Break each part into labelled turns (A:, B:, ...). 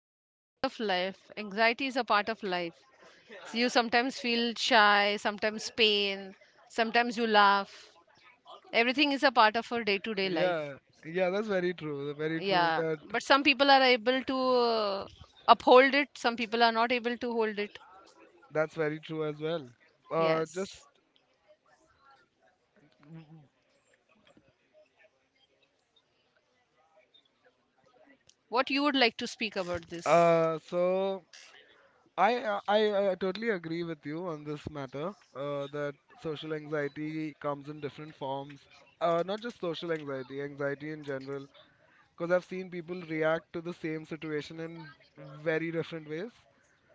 A: That is a part of life. Anxiety is a part of life. So you sometimes feel shy, sometimes pain, sometimes you laugh. Everything is a part of our day-to-day life.
B: Yeah, yeah, that's very true. Very true.
A: Yeah,
B: That
A: but some people are able to uphold it, some people are not able to hold it.
B: that's very true as well. Just
A: Yes. What you would like to speak about this?
B: So I totally agree with you on this matter. That social anxiety comes in different forms. Not just social anxiety, anxiety in general. Because I've seen people react to the same situation in very different ways.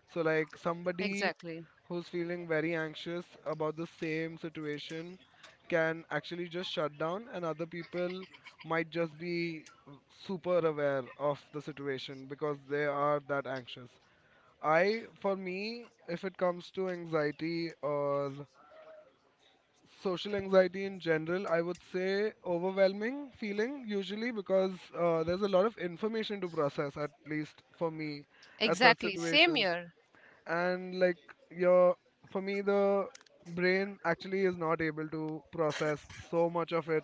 B: So like somebody
A: Exactly.
B: who's feeling very anxious about the same situation can actually just shut down, and other people might just be super aware of the situation because they are that anxious. I, for me, if it comes to anxiety or social anxiety in general, I would say overwhelming feeling usually because there's a lot of information to process, at least for me, at such
A: Exactly. Same
B: situations.
A: here.
B: And like your for me the brain actually is not able to process so much of it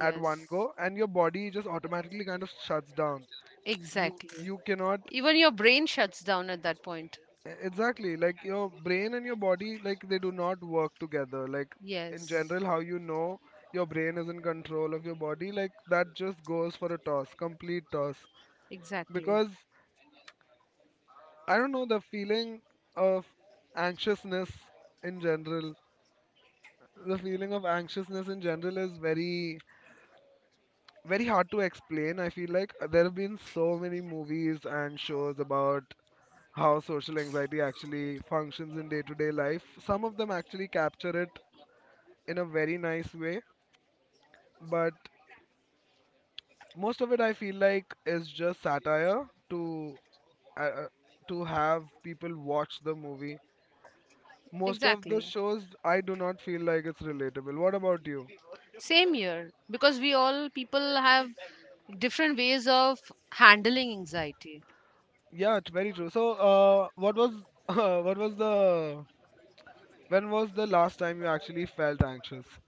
B: at one go, and your body just automatically kind of shuts down. you
A: Exactly.
B: you cannot
A: Even your brain shuts down at that point.
B: exactly like your brain and your body, like they do not work together like in
A: Yes.
B: general. How you know, your brain is in control of your body, like that just goes for a toss, complete toss.
A: Exactly.
B: Because I don't know, the feeling of anxiousness in general, the feeling of anxiousness in general is very very hard to explain. I feel like there have been so many movies and shows about how social anxiety actually functions in day-to-day life. Some of them actually capture it in a very nice way, but most of it I feel like is just satire to uh, uh, to have people watch the movie. Most of the
A: Exactly.
B: shows I do not feel like it's relatable. What about you?
A: Same here. Because we all people have different ways of handling anxiety.
B: Yeah, it's very true. So, what was what was the when was the last time you actually felt anxious?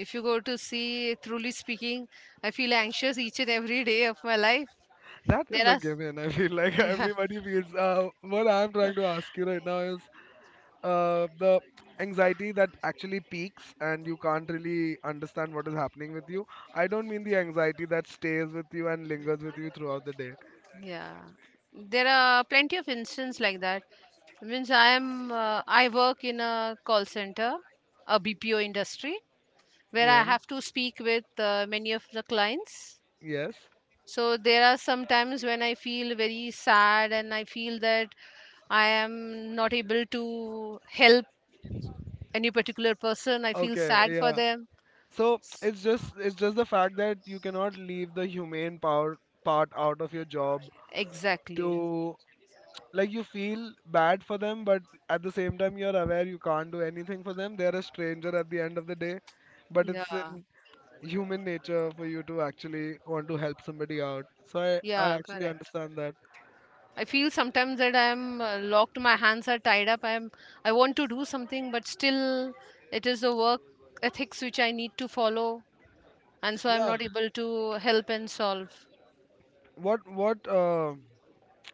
A: If you go to see, truly speaking, I feel anxious each and every day of my life.
B: That
A: There
B: is a
A: are,
B: given. I feel like
A: yeah,
B: everybody feels. What I'm trying to ask you right now is the anxiety that actually peaks, and you can't really understand what is happening with you. I don't mean the anxiety that stays with you and lingers with you throughout the day.
A: Yeah, there are plenty of instances like that. Means I am I work in a call center, a BPO industry where I
B: Yeah.
A: have to speak with many of the clients.
B: Yes.
A: So there are some times when I feel very sad and I feel that I am not able to help any particular person. I feel sad
B: Okay.
A: for
B: Yeah.
A: them.
B: So it's just, it's just the fact that you cannot leave the humane power part out of your job
A: Exactly.
B: to, like, you feel bad for them, but at the same time you're aware you can't do anything for them. They're a stranger at the end of the day, but it's
A: Yeah.
B: in human nature for you to actually want to help somebody out. So I
A: Yeah.
B: actually
A: Correct.
B: understand that.
A: I feel sometimes that I am locked, my hands are tied up. I am I want to do something, but still it is the work ethics which I need to follow, and so I'm
B: Yeah.
A: not able to help and solve.
B: What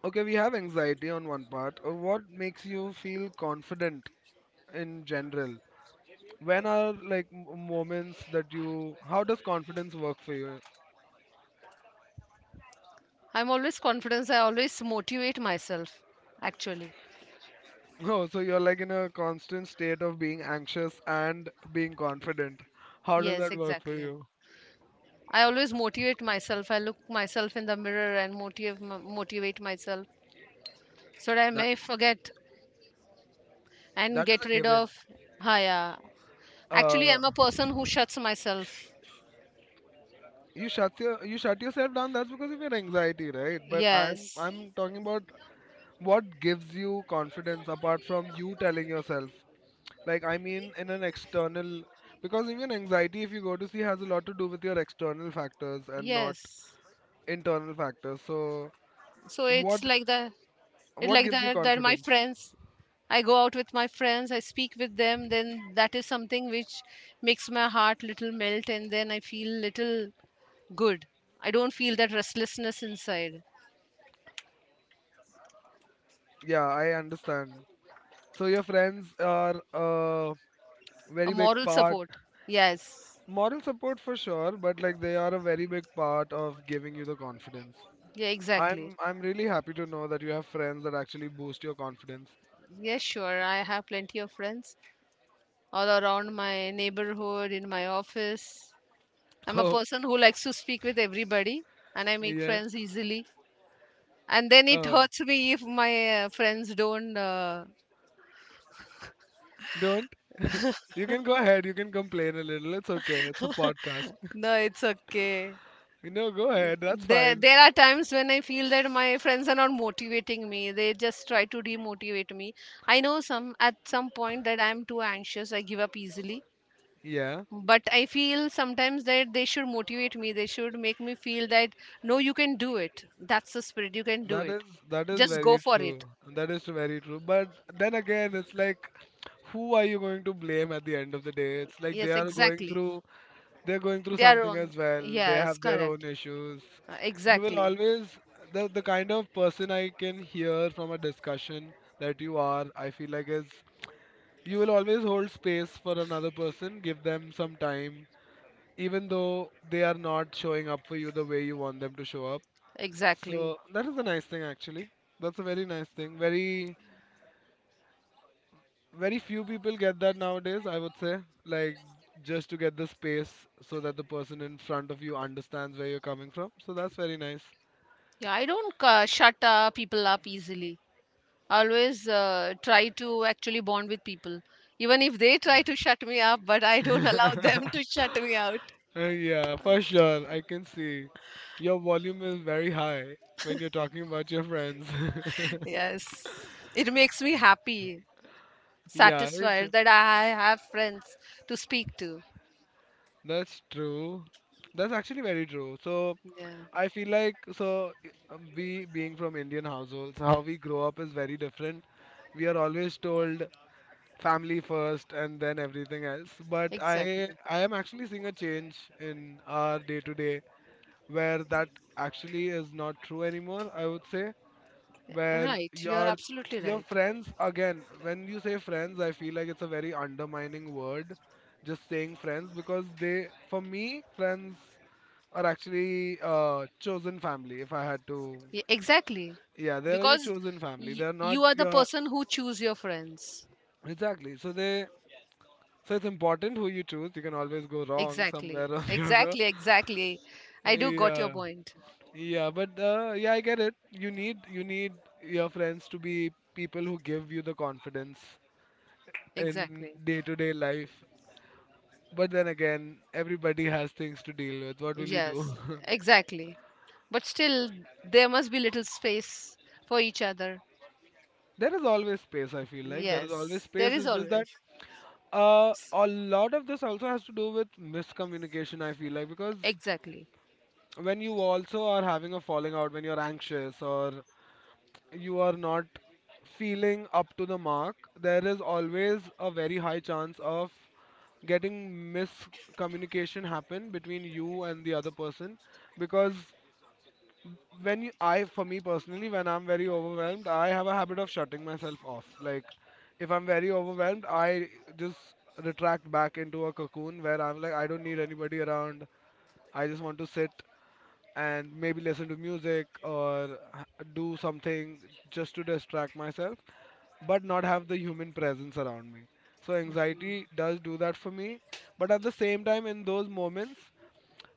B: okay, we have anxiety on one part. What makes you feel confident in general? When are, like, moments that you, how does confidence work for you?
A: I'm always confident. I always motivate myself. Actually,
B: Oh, so you're like in a constant state of being anxious and being confident. How does
A: yes,
B: that work for
A: exactly.
B: you?
A: I always motivate myself. I look myself in the mirror and motivate myself so that I
B: That
A: may forget and
B: that is
A: get
B: a
A: rid
B: given.
A: of. Ha, yeah. Actually,
B: Uh,
A: I'm a person who shuts myself.
B: you shut yourself down. That's because of your anxiety, right? But I'm
A: Yes.
B: I'm talking about what gives you confidence apart from you telling yourself. Like, I mean, in an external, because even anxiety, if you go to see, has a lot to do with your external factors and not
A: Yes.
B: internal factors. So
A: So
B: what
A: it's like that. It's
B: what
A: like
B: gives you
A: that. That my
B: confidence?
A: friends, I go out with my friends. I speak with them. Then that is something which makes my heart little melt, and then I feel little good. I don't feel that restlessness inside.
B: Yeah, I understand. So your friends are a
A: A
B: very big
A: moral
B: part,
A: support. Yes.
B: moral support for sure, but like they are a very big part of giving you the confidence.
A: Yeah. Exactly.
B: I'm really happy to know that you have friends that actually boost your confidence.
A: Yes. Sure. I have plenty of friends all around my neighborhood, in my office. I'm a
B: Oh,
A: person who likes to speak with everybody, and I make
B: yeah.
A: friends easily. And then it
B: Oh,
A: hurts me if my friends don't,
B: don't. You can go ahead. You can complain a little. It's okay. It's a podcast.
A: no, it's okay.
B: No, go
A: N-
B: ahead. That's
A: There,
B: fine.
A: there are times when I feel that my friends are not motivating me. They just try to demotivate me. I know some at some point that I'm too anxious. I give up easily.
B: Yeah,
A: But I feel sometimes that they should motivate me. They should make me feel that no, you can do it. That's the spirit. You can do it.
B: that is
A: Just go
B: very
A: for
B: true.
A: it.
B: That is very true. But then again, it's like, who are you going to blame at the end of the day? It's like, they
A: Yes,
B: are going
A: exactly.
B: through, they're going through
A: Their
B: something
A: own.
B: as well. They
A: Yes,
B: have their own
A: correct.
B: issues. You will
A: Exactly.
B: always, the kind of person I can hear from a discussion that you are, I feel like, is you will always hold space for another person, give them some time, even though they are not showing up for you the way you want them to show up.
A: Exactly.
B: So that is a nice thing actually. That's a very nice thing. Very very few people get that nowadays, I would say. Like, just to get the space so that the person in front of you understands where you're coming from, so that's very nice.
A: Yeah, I don't shut people up easily. I always try to actually bond with people, even if they try to shut me up, but I don't allow them to shut me out.
B: Yeah, for sure, I can see your volume is very high when you're talking about your friends.
A: Yes, it makes me happy,
B: Yeah, it's,
A: satisfied that I have friends to speak to.
B: that's true, that's actually very true. So
A: Yeah,
B: I feel like so we being from Indian households, how we grow up is very different. We are always told family first and then everything else, but i
A: exactly.
B: i am actually seeing a change in our day to day, where that actually is not true anymore, I would say, where
A: Right, you're absolutely
B: your
A: right.
B: friends, again, when you say friends, I feel like it's a very undermining word, just saying friends, because they, for me, friends are actually uh, chosen family, if I had to.
A: Yeah, exactly,
B: Yeah, they are your
A: because
B: chosen family, they're not
A: you are the
B: your
A: person who choose your friends.
B: exactly, so they, so it's important who you choose. You can always go wrong
A: Exactly,
B: somewhere or the other.
A: exactly, exactly. I do got your
B: Yeah,
A: point.
B: yeah, but I get it. You need your friends to be people who give you the confidence in
A: Exactly.
B: day-to-day life. But then again, everybody has things to deal with. What will you
A: Yes,
B: do?
A: exactly. But still, there must be little space for each other.
B: There is always space, I feel like. There is always
A: Yes, there
B: space.
A: is
B: It's just that
A: always. S-
B: a lot of this also has to do with miscommunication, I feel like, because
A: Exactly.
B: when you also are having a falling out, when you're anxious or you are not feeling up to the mark, there is always a very high chance of getting miscommunication happen between you and the other person, because I, for me personally, when I'm very overwhelmed, I have a habit of shutting myself off. Like, if I'm very overwhelmed, I just retract back into a cocoon where I'm like, I don't need anybody around, I just want to sit and maybe listen to music or do something just to distract myself, but not have the human presence around me. So anxiety does do that for me, but at the same time, in those moments,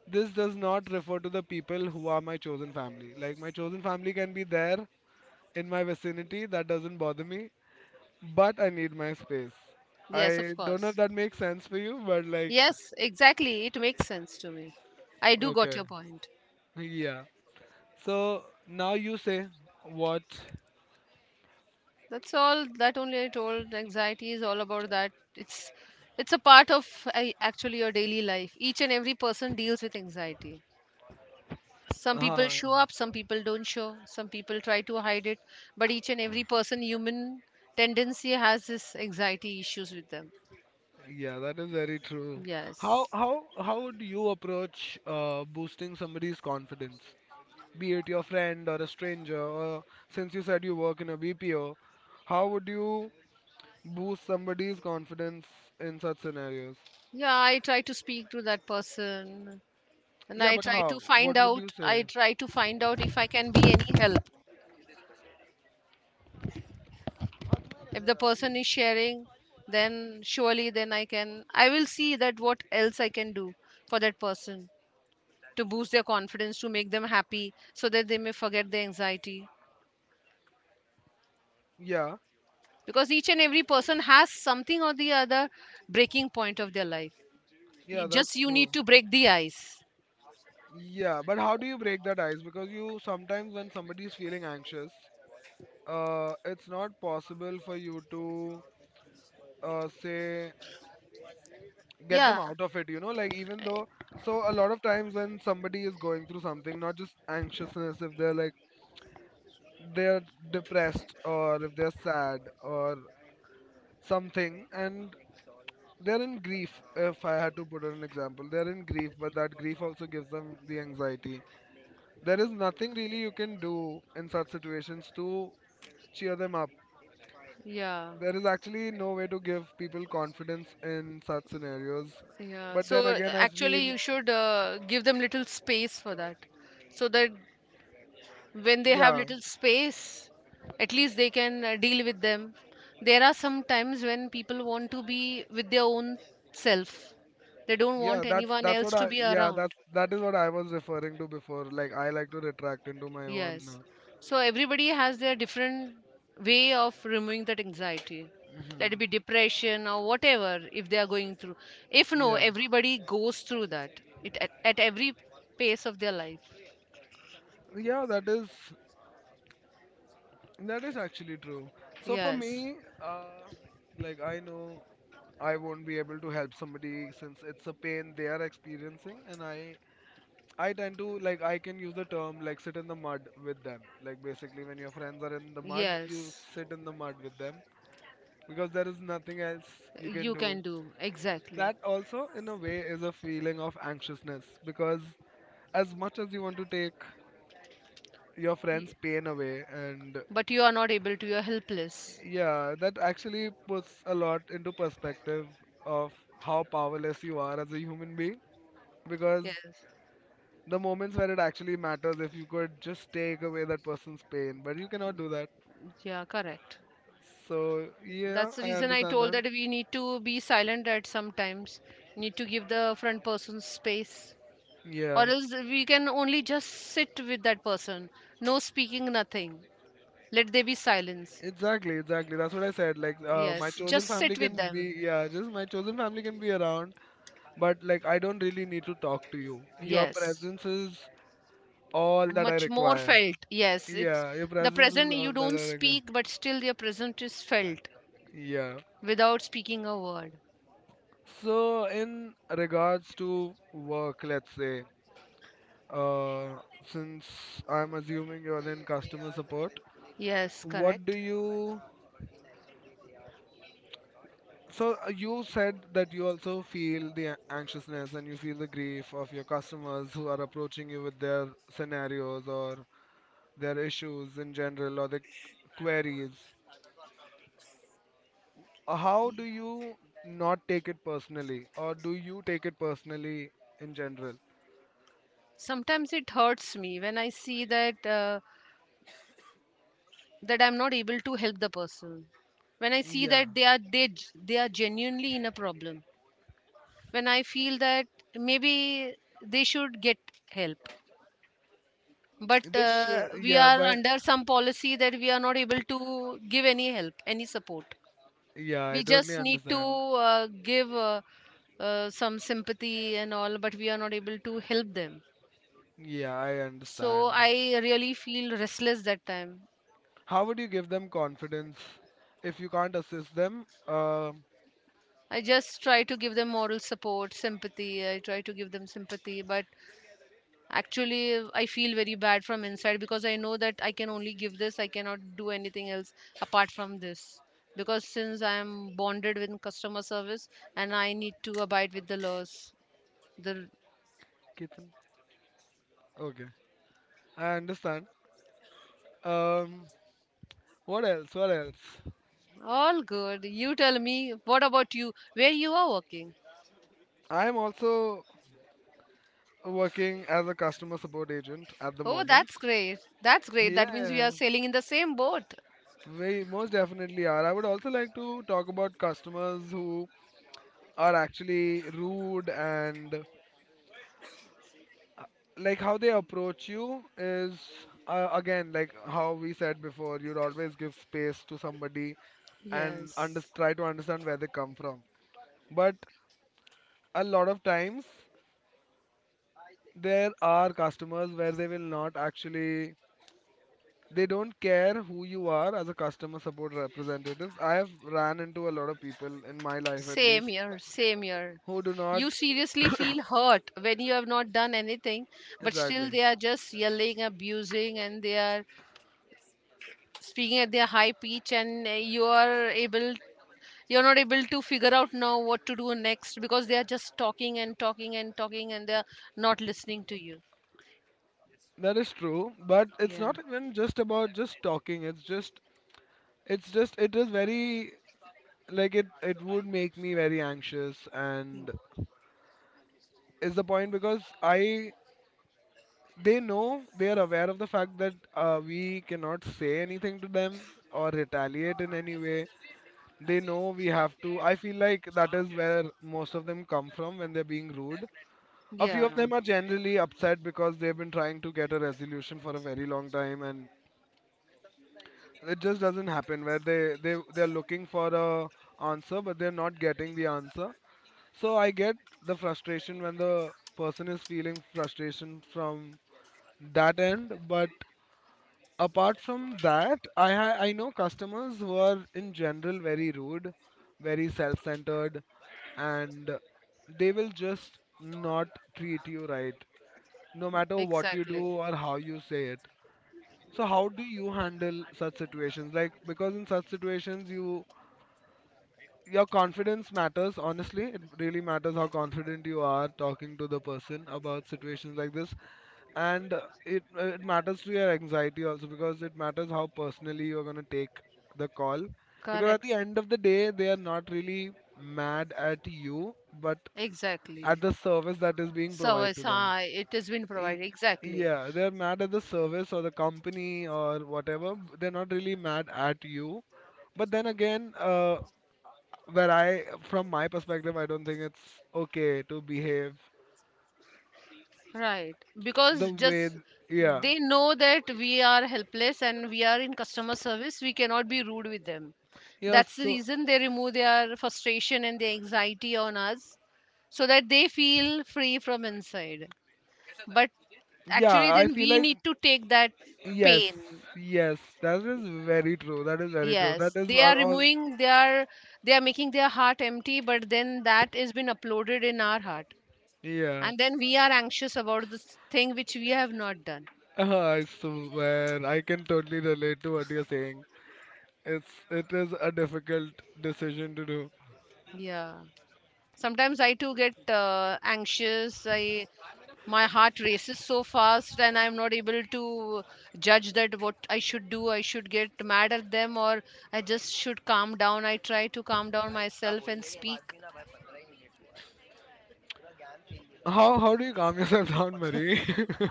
B: this does not refer to the people who are my chosen family. Like, my chosen family can be there in my vicinity, that doesn't bother me, but I need my space.
A: Yes, of
B: I don't
A: course.
B: know if that makes sense for you, but, like,
A: Yes, exactly. It makes sense to me. I do got
B: okay,
A: your point.
B: yeah. So now you say what?
A: That's all. That only I told. Anxiety is all about that. It's a part of actually your daily life. Each and every person deals with anxiety. Some people
B: Uh-huh.
A: show up, some people don't show, some people try to hide it, but each and every person human tendency has this anxiety issues with them.
B: Yeah, that is very true.
A: Yes.
B: How would you approach boosting somebody's confidence? Be it your friend or a stranger, or since you said you work in a BPO, how would you boost somebody's confidence in such scenarios?
A: Yeah, I try to speak to that person, and
B: Yeah,
A: i
B: but
A: try to
B: how?
A: find
B: What would you
A: out
B: say?
A: i try to find out if I can be any help.
B: हाथ में ले
A: If the
B: जरा,
A: person is
B: please.
A: sharing, then surely then I will see that what else I can do for that person to boost their confidence, to make them happy so that they may forget the anxiety,
B: Yeah,
A: because each and every person has something or the other breaking point of their life.
B: yeah,
A: Just
B: that's
A: you need
B: true.
A: to break the ice.
B: Yeah, but how do you break that ice? Because you, sometimes when somebody is feeling anxious, it's not possible for you to say, get
A: yeah
B: them out of it, you know? Like, even though, so a lot of times when somebody is going through something, not just anxiousness, if they're like, they're depressed, or if they're sad or something, and they're in grief, if I had to put an example, they're in grief, but that grief also gives them the anxiety. There is nothing really you can do in such situations to cheer them up.
A: yeah
B: There is actually no way to give people confidence in such scenarios,
A: Yeah,
B: but then
A: so
B: again I
A: actually
B: feel,
A: you should give them little space for that, so that when they have
B: yeah.
A: little space, at least they can deal with them. There are some times when people want to be with their own self. They don't
B: Yeah,
A: want anyone
B: that's
A: else
B: what
A: to
B: I,
A: be
B: yeah, that's
A: around.
B: that is what I was referring to before. Like, I like to retract into my
A: Yes.
B: own.
A: So everybody has their different way of removing that anxiety. Let it
B: Mhm.
A: be depression or whatever if they are going through. If no,
B: Yeah,
A: everybody goes through that. It at every pace of their life.
B: yeah, that is actually true. So for
A: Yes.
B: me, like I know I won't be able to help somebody since it's a pain they are experiencing, and I tend to, like, I can use the term like, sit in the mud with them. Like basically, when your friends are in the mud, you
A: Yes.
B: sit in the mud with them because there is nothing else you can
A: You
B: do.
A: can do exactly.
B: That also in a way is a feeling of anxiousness, because as much as you want to take your
A: Y-
B: friend's pain away and...
A: But you are not able to, you are helpless.
B: Yeah, that actually puts a lot into perspective of how powerless you are as a human being, because
A: Yes.
B: the moments where it actually matters, if you could just take away that person's pain, but you cannot do that.
A: Yeah, correct.
B: So yeah,
A: That's the
B: I
A: reason I
B: understand
A: told
B: that.
A: that we need to be silent at sometimes. Need to give the front person space.
B: Yeah.
A: Or else we can only just sit with that person, no speaking, nothing, let there be silence.
B: Exactly, exactly. That's what I said. Like, my
A: Yes,
B: chosen
A: just
B: family
A: sit with
B: can
A: them.
B: be, yeah, just my chosen family can be around, but like I don't really need to talk to you. Your
A: Yes,
B: presence is all that I
A: much more
B: require.
A: felt, yes. It's
B: Yeah, your
A: the
B: presence is
A: present. You
B: all that
A: don't
B: I require.
A: speak, but still your present is felt
B: Yeah.
A: without speaking a word.
B: So in regards to work, let's say, uh, since I'm assuming you're in customer support,
A: Yes,
B: what do
A: correct.
B: you? So you said that you also feel the anxiousness, and you feel the grief of your customers who are approaching you with their scenarios, or their issues in general, or the queries. How do you not take it personally, or do you take it personally in general?
A: Sometimes it hurts me when I see that that I'm not able to help the person, when I see
B: Yeah,
A: that they are genuinely in a problem, when I feel that maybe they should get help. But
B: this, should,
A: we
B: yeah,
A: are
B: but
A: under some policy that we are not able to give any help, any support.
B: yeah, I
A: We
B: totally
A: just need to
B: understand.
A: give some sympathy and all, but we are not able to help them.
B: Yeah, I
A: So
B: understand.
A: I really feel restless that time.
B: How would you give them confidence if you can't assist them?
A: I just try to give them moral support, sympathy. I try to give them sympathy, but actually, I feel very bad from inside because I know that I can only give this. I cannot do anything else apart from this. Because since I am bonded with customer service and I need to abide with the laws, the
B: Ketan, okay, I understand. Um, what else? What else?
A: all good. You tell me, what about you? Where you are working?
B: I'm also working as a customer support agent at the
A: Oh, that's
B: moment.
A: great. That's great. That means we are
B: Yeah.
A: sailing in the same boat.
B: We most definitely are. I would also like to talk about customers who are actually rude, and like how they approach you is, again, like how we said before. You'd always give space to somebody and
A: Yes.
B: try to understand where they come from. But a lot of times there are customers where they will not actually. They don't care who you are as a customer support representatives. I have ran into a lot of people in my life, at least,
A: Same here.
B: who do not.
A: You seriously feel hurt when you have not done anything, but still
B: Exactly.
A: they are just yelling, abusing, and they are speaking at their high pitch, and you are able, you're not able to figure out now what to do next because they are just talking and talking, and they're not listening to you.
B: That is true, but it's
A: Yeah,
B: not even just about just talking. It's just it is very, like it would make me very anxious, and is the point, because I they know, they are aware of the fact that we cannot say anything to them or retaliate in any way. They know we have to. I feel like that is where most of them come from when they're being rude. A few
A: yeah,
B: of them are generally upset because they've been trying to get a resolution for a very long time, and it just doesn't happen, where they're looking for a answer but they're not getting the answer. So I get the frustration, when the person is feeling frustration from that end. But apart from that, I know customers who are in general very rude, very self-centered, and they will just not treat you right, no matter what you do
A: exactly,
B: or how you say it. So how do you handle such situations? Like, because in such situations, your confidence matters, honestly. It really matters how confident you are talking to the person about situations like this. And it matters to your anxiety also, because it matters how personally you're going to take the call. Because at
A: correct,
B: the end of the day, they are not really mad at you, but
A: exactly.
B: at the service that is being
A: So,
B: provided to
A: it's,
B: them.
A: it has been
B: Y-
A: provided exactly.
B: yeah, they're mad at the service, or the company, or whatever. They're not really mad at you, but then again, but I, from my perspective, I don't think it's okay to behave
A: Right.
B: the
A: Because
B: way,
A: just
B: yeah.
A: they know that we are helpless and we are in customer service. We cannot be rude with them.
B: Yeah,
A: That's the
B: so,
A: reason they remove their frustration and their anxiety on us so that they feel free from inside. But
B: yeah,
A: actually,
B: I
A: then
B: feel
A: we
B: like,
A: need to take that
B: yes,
A: pain.
B: yes, that is very true. That is very true. That
A: Yes.
B: is all,
A: They are making their heart empty, but then that has been uploaded in our heart.
B: yeah.
A: And then we are anxious about this thing which we have not done.
B: I swear, I can totally relate to what you're saying. It is a difficult decision to do.
A: Yeah. Sometimes I too get anxious. I my heart races so fast and I'm not able to judge that what I should do, I should get mad at them or I just should calm down. I try to calm down myself and speak.
B: How do you calm yourself down, Marie?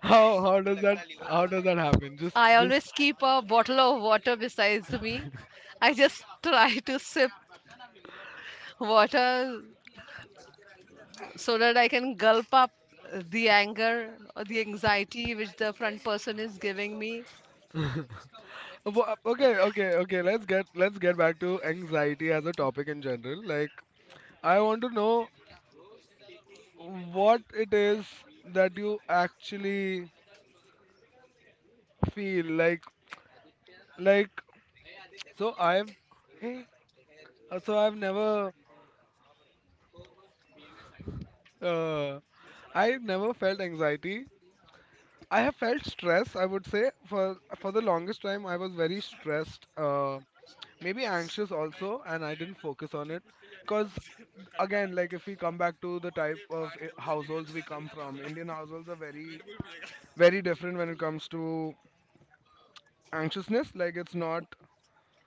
B: How does that, how does that happen? Just,
A: I always
B: just
A: keep a bottle of water besides me. I just try to sip water so that I can gulp up the anger or the anxiety which the front person is giving me,
B: Okay, okay, okay, let's get back to anxiety as a topic in general. Like, I want to know what it is that you actually feel like, like so I've... Hey, uh, so i've never uh I've never felt anxiety. I have felt stress, I would say. For the longest time I was very stressed, maybe anxious also, and I didn't focus on it because... Again, like, if we come back to the type of households we come from, Indian households are very, very different when it comes to anxiousness. Like, it's not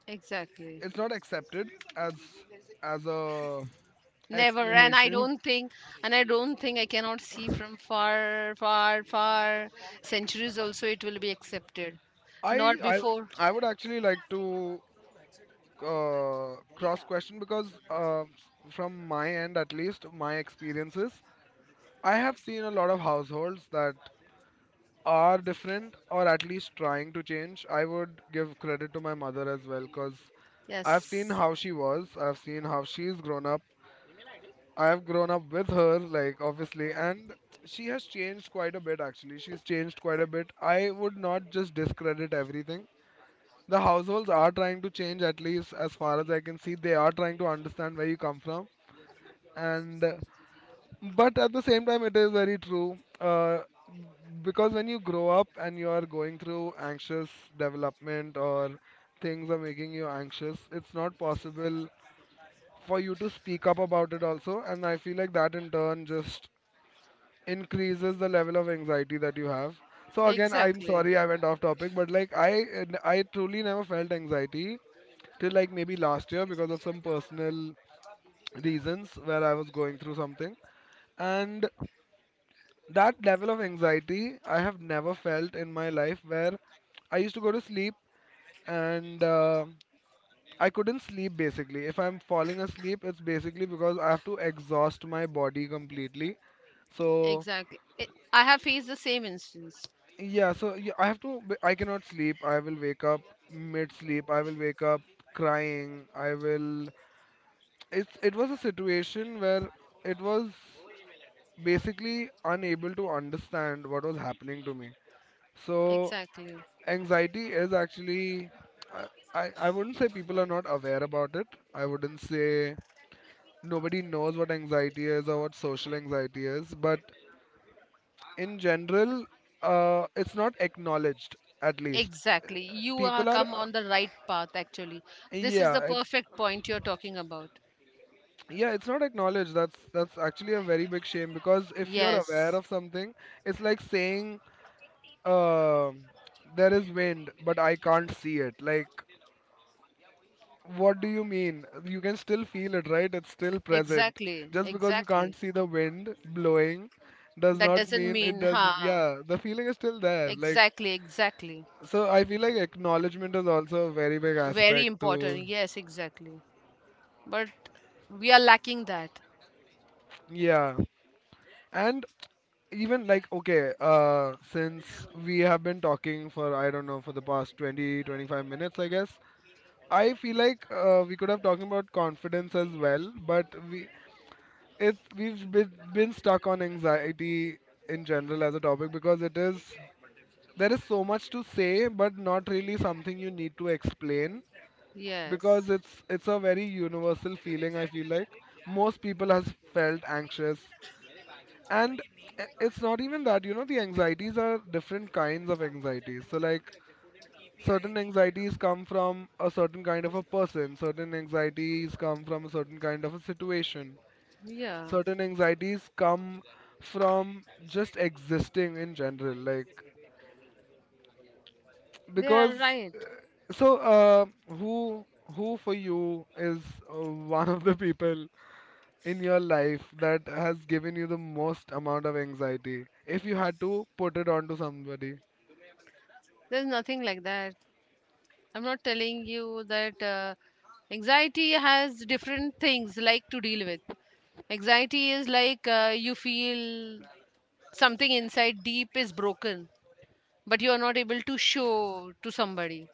A: exactly.
B: it's not accepted as a
A: Never, and I
B: explanation.
A: don't think, and I don't think I cannot see from far centuries also it will be accepted.
B: i
A: Not
B: i
A: before.
B: i would actually like to cross question, because, from my end, at least, my experiences, I have seen a lot of households that are different, or at least trying to change. I would give credit to my mother as well, cuz I've seen
A: Yes,
B: how she was. I've seen how she's grown up. I've grown up with her, like, obviously, and she has changed quite a bit actually. She's changed quite a bit. I would not just discredit everything. The households are trying to change, at least as far as I can see. They are trying to understand where you come from. And but at the same time, it is very true. Because when you grow up and you are going through anxious development, or things are making you anxious, it's not possible for you to speak up about it also. And I feel like that in turn just increases the level of anxiety that you have. So again, I'm
A: exactly,
B: sorry, I went off topic, but like, I truly never felt anxiety till, like, maybe last year, because of some personal reasons where I was going through something. And that level of anxiety, I have never felt in my life, where I used to go to sleep and I couldn't sleep basically. If I'm falling asleep, it's basically because I have to exhaust my body completely. So
A: exactly. I have faced the same instance.
B: yeah, so yeah, I have to. I cannot sleep. I will wake up mid sleep. I will wake up crying. I will... It was a situation where it was basically unable to understand what was happening to me. So
A: Exactly,
B: anxiety is actually... I, I wouldn't say people are not aware about it. I wouldn't say nobody knows what anxiety is or what social anxiety is, but in general, it's not acknowledged, at least.
A: exactly. You are
B: People are,
A: come on the right path actually. This is
B: yeah,
A: the
B: it's...
A: perfect point you're talking about.
B: yeah, it's not acknowledged. That's actually a very big shame, because if you're aware
A: Yes,
B: of something, it's like saying, um there is wind but I can't see it. Like, what do you mean? You can still feel it, right? It's still present. Just because you
A: exactly.
B: can't see the wind blowing does
A: That
B: not
A: doesn't
B: mean it
A: mean,
B: does.
A: ha,
B: Yeah, the feeling is still there, like.
A: exactly.
B: So I feel like acknowledgement is also a very big
A: Very
B: aspect
A: important.
B: to...
A: Yes, exactly. But we are lacking that.
B: yeah. And even, like, okay, since we have been talking for, I don't know, for the past 20-25 minutes, I guess, I feel like, we could have talking about confidence as well, but we, it's, we've been stuck on anxiety in general as a topic, because it is... there is so much to say, but not really something you need to explain,
A: Yes.
B: because it's a very universal feeling. I feel like most people has felt anxious, and it's not even that, you know, the anxieties are different kinds of anxieties. So like, certain anxieties come from a certain kind of a person, certain anxieties come from a certain kind of a situation,
A: Yeah.
B: certain anxieties come from just existing in general, like,
A: They
B: because...
A: are right.
B: So, who who for you is, uh, one of the people in your life that has given you the most amount of anxiety, if you had to put it onto somebody?
A: There's nothing like that. I'm not telling you that anxiety has different things like to deal with. Anxiety is like you feel something inside deep is broken, but you are not able to show to somebody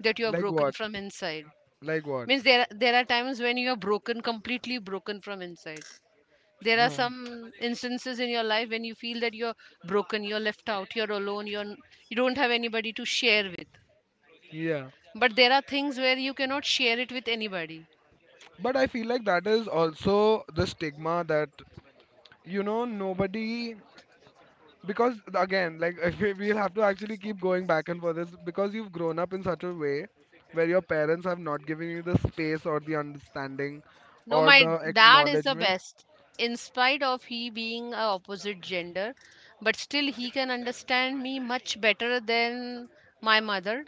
A: that you are
B: Like
A: broken
B: what?
A: from inside.
B: Like what?
A: Means there are times when you are broken, completely broken from inside. There are
B: Huh.
A: some instances in your life when you feel that you're broken, you're left out, you're alone, you don't have anybody to share with.
B: Yeah.
A: But there are things where you cannot share it with anybody.
B: But I feel like that is also the stigma that, nobody... Because again, like, if we'll have to actually keep going back and forth this, because you've grown up in such a way where your parents have not given you the space, or the understanding,
A: No,
B: or
A: my
B: the
A: dad is the
B: acknowledgement.
A: best. In spite of he being a opposite gender, but still he can understand me much better than my mother.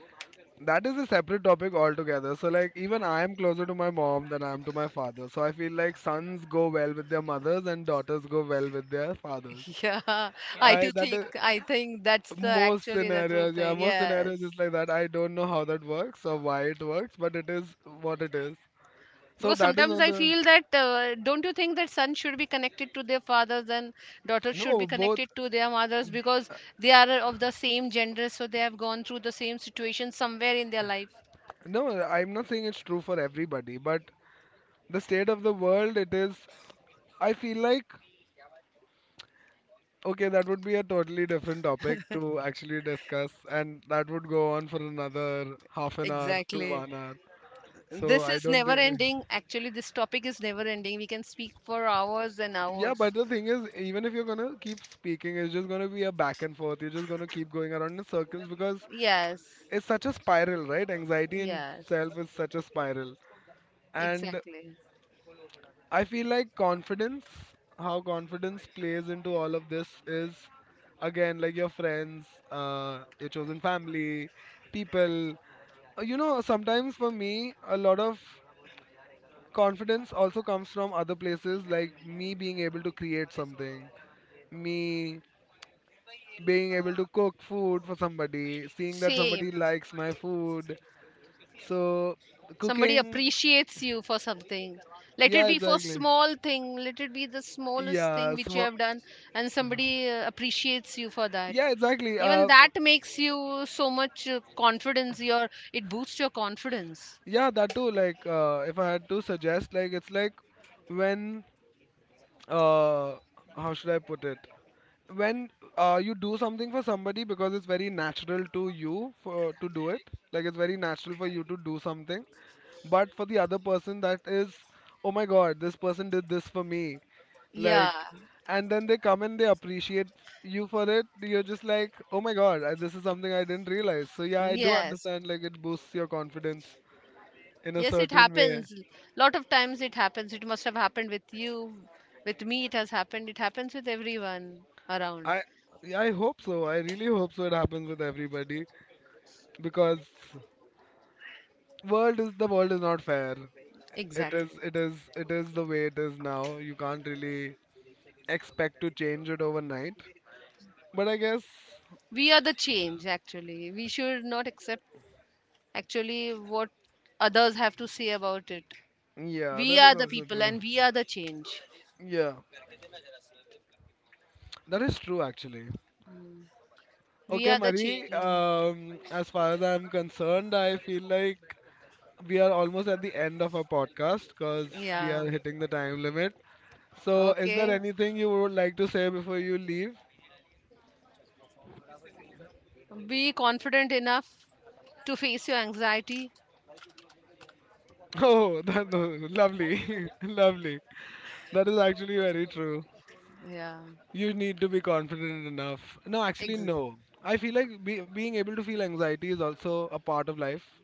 B: That is a separate topic altogether. So, like, even I am closer to my mom than I am to my father. So, I feel like sons go well with their mothers and daughters go well with their fathers.
A: Yeah,
B: I that is
A: I think that's the
B: Most
A: actually the true
B: scenarios, yeah,
A: thing.
B: most
A: Yes.
B: scenarios is like that. I don't know how that works or why it works, but it is what it is. So
A: Because
B: that is
A: sometimes
B: not
A: I
B: the...
A: feel that don't you think that sons should be connected to their fathers and daughters should be
B: No, both...
A: connected to their mothers because they are of the same gender, so they have gone through the same situation somewhere in their life.
B: No, I'm not saying it's true for everybody, but the state of the world, it is. I feel like, okay, that would be a totally different topic to actually discuss, and that would go on for another half an hour to
A: Exactly.
B: 1 hour. So
A: This
B: I
A: is
B: don't
A: never
B: think...
A: ending. Actually, this topic is never ending. We can speak for hours and
B: Yeah,
A: hours.
B: but the thing is, even if you're gonna keep speaking, it's just gonna be a back and forth. You're just gonna keep going around in circles, because
A: Yes,
B: it's such a spiral, right? Anxiety in
A: yes,
B: itself is such a spiral. And
A: exactly.
B: I feel like confidence, how confidence plays into all of this is again like your friends, your chosen family, people. You know, sometimes for me, a lot of confidence also comes from other places, like me being able to create something, me being able to cook food for somebody, seeing that
A: Same.
B: somebody likes my food. So,
A: Somebody
B: cooking,
A: appreciates you for something, let it
B: yeah,
A: be for
B: exactly.
A: small thing, let it be the smallest thing
B: Yeah,
A: which you
B: small.
A: have done, and somebody appreciates you for that.
B: Yeah, exactly.
A: Even that makes you so much confidence your It boosts your confidence.
B: Yeah, that too. Like, if I had to suggest, like, it's like when, uh, how should I put it? When you do something for somebody because it's very natural to you for to do it. Like, it's very natural for you to do something. But for the other person, that is, oh my God, this person did this for me.
A: Yeah.
B: Like, and then they come and they appreciate you for it. You're just like, oh my god, I- this is something I didn't realize. So yeah, I do
A: yes
B: understand. Like, it boosts your confidence in a
A: yes, it
B: certain way.
A: happens. Lot of times it happens. It must have happened with you. With me it has happened. It happens with everyone around,
B: I yeah, I hope so. I really hope so. It happens with everybody because world is the world is not fair. It is
A: exactly.
B: the way it is now. You can't really expect to change it overnight. But I guess
A: We are the change actually. We should not accept actually what others have to say about it.
B: yeah,
A: We
B: that
A: are
B: is
A: the
B: also
A: people
B: true.
A: and we are the change.
B: Yeah, that is true actually.
A: Mm. We
B: Okay,
A: are the change.
B: Marie,
A: In,
B: as far as I'm concerned, I feel like we are almost at the end of our podcast because we are
A: yeah.
B: hitting the time limit. So, is there
A: Okay.
B: anything you would like to say before you leave?
A: Be confident enough to face your anxiety.
B: Oh, that, no, lovely, lovely. That is actually very true.
A: Yeah.
B: You need to be confident enough. No, actually,
A: Ex-
B: no. I feel like being able to feel anxiety is also a part of life.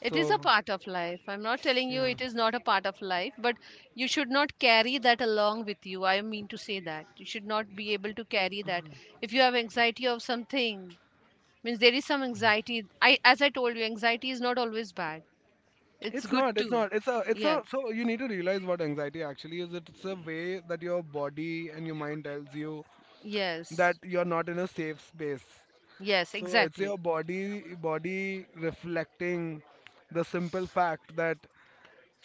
A: it is a
B: So,
A: part of life. I'm not telling you
B: yeah.
A: it is not a part of life, but you should not carry that along with you. I mean to say that. You should not be able to carry that. If you have anxiety of something, means there is some anxiety. I as I told you, anxiety is not always bad. It's
B: It's
A: good
B: not, it's
A: too.
B: not.
A: Yes,
B: So you need to realize what anxiety actually is. It's a way that your body and your mind tells you that
A: yes,
B: you're not in a safe space.
A: yes,
B: So it's
A: exactly.
B: your body reflecting the simple fact that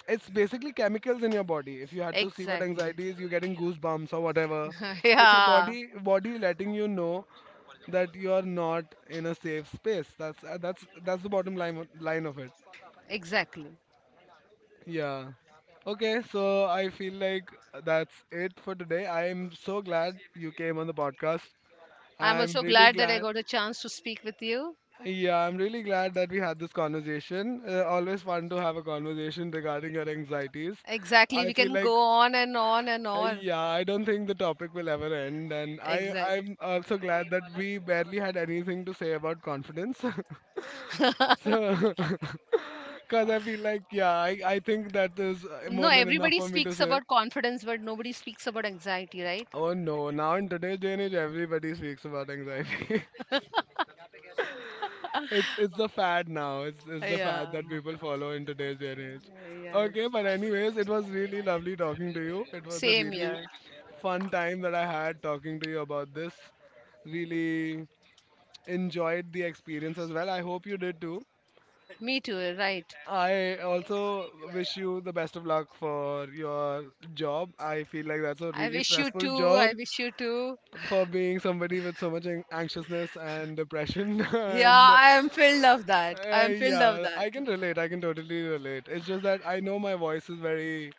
B: it's basically chemicals in your body. If you had to see what
A: Exactly.
B: anxiety is, you're getting goosebumps or whatever. It's your
A: Yeah,
B: body letting you know that you're not in a safe space. That's, that's the bottom line of it.
A: exactly.
B: Yeah. Okay, so I feel like that's it for today. I am so glad you came on the podcast.
A: I'm
B: I'm
A: also
B: really
A: glad that I
B: glad.
A: got a chance to speak with you.
B: Yeah, I'm really glad that we had this conversation. Always fun to have a conversation regarding our anxieties.
A: Exactly.
B: I
A: We
B: feel
A: can
B: like
A: go on and on and on.
B: yeah, I don't think the topic will ever end, and I
A: Exactly.
B: I'm also glad that we barely had anything to say about confidence. so, because I feel like yeah, I think that is
A: No,
B: more than enough
A: everybody
B: for me to
A: speaks
B: say.
A: about confidence, but nobody speaks about anxiety, right?
B: Oh no, now in today's day and age everybody speaks about anxiety. It's the fad now. It's the
A: Yeah.
B: fad that people follow in today's day and age.
A: Yes.
B: Okay, but anyways, it was really lovely talking to you. It was a
A: Same
B: really
A: here.
B: fun time that I had talking to you about this. Really enjoyed the experience as well. I hope you did too.
A: Me too, right.
B: I also wish you the best of luck for your job. I feel like that's a really stressful job
A: I wish you too.
B: for being somebody with so much anxiousness and depression and
A: I am filled of
B: yeah,
A: that.
B: I can relate, I can totally relate. It's just that I know my voice is very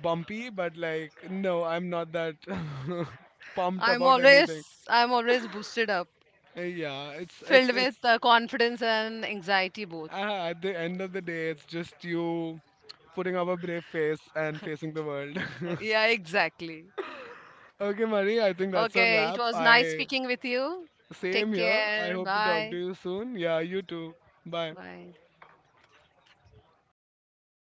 B: bumpy, but like no, I'm not that pumped about anything.
A: I'm always boosted up,
B: Yeah, it's
A: filled
B: it's
A: with
B: it's
A: confidence and anxiety both.
B: at the end of the day it's just you putting up a brave face and facing the world.
A: Yeah, exactly.
B: Okay, Marie, I think that's a
A: Okay, it
B: wrap.
A: was nice
B: I
A: speaking with you. Take
B: Same here. I
A: care.
B: hope to talk to
A: Bye.
B: you soon. Yeah, you too. Bye.
A: Bye.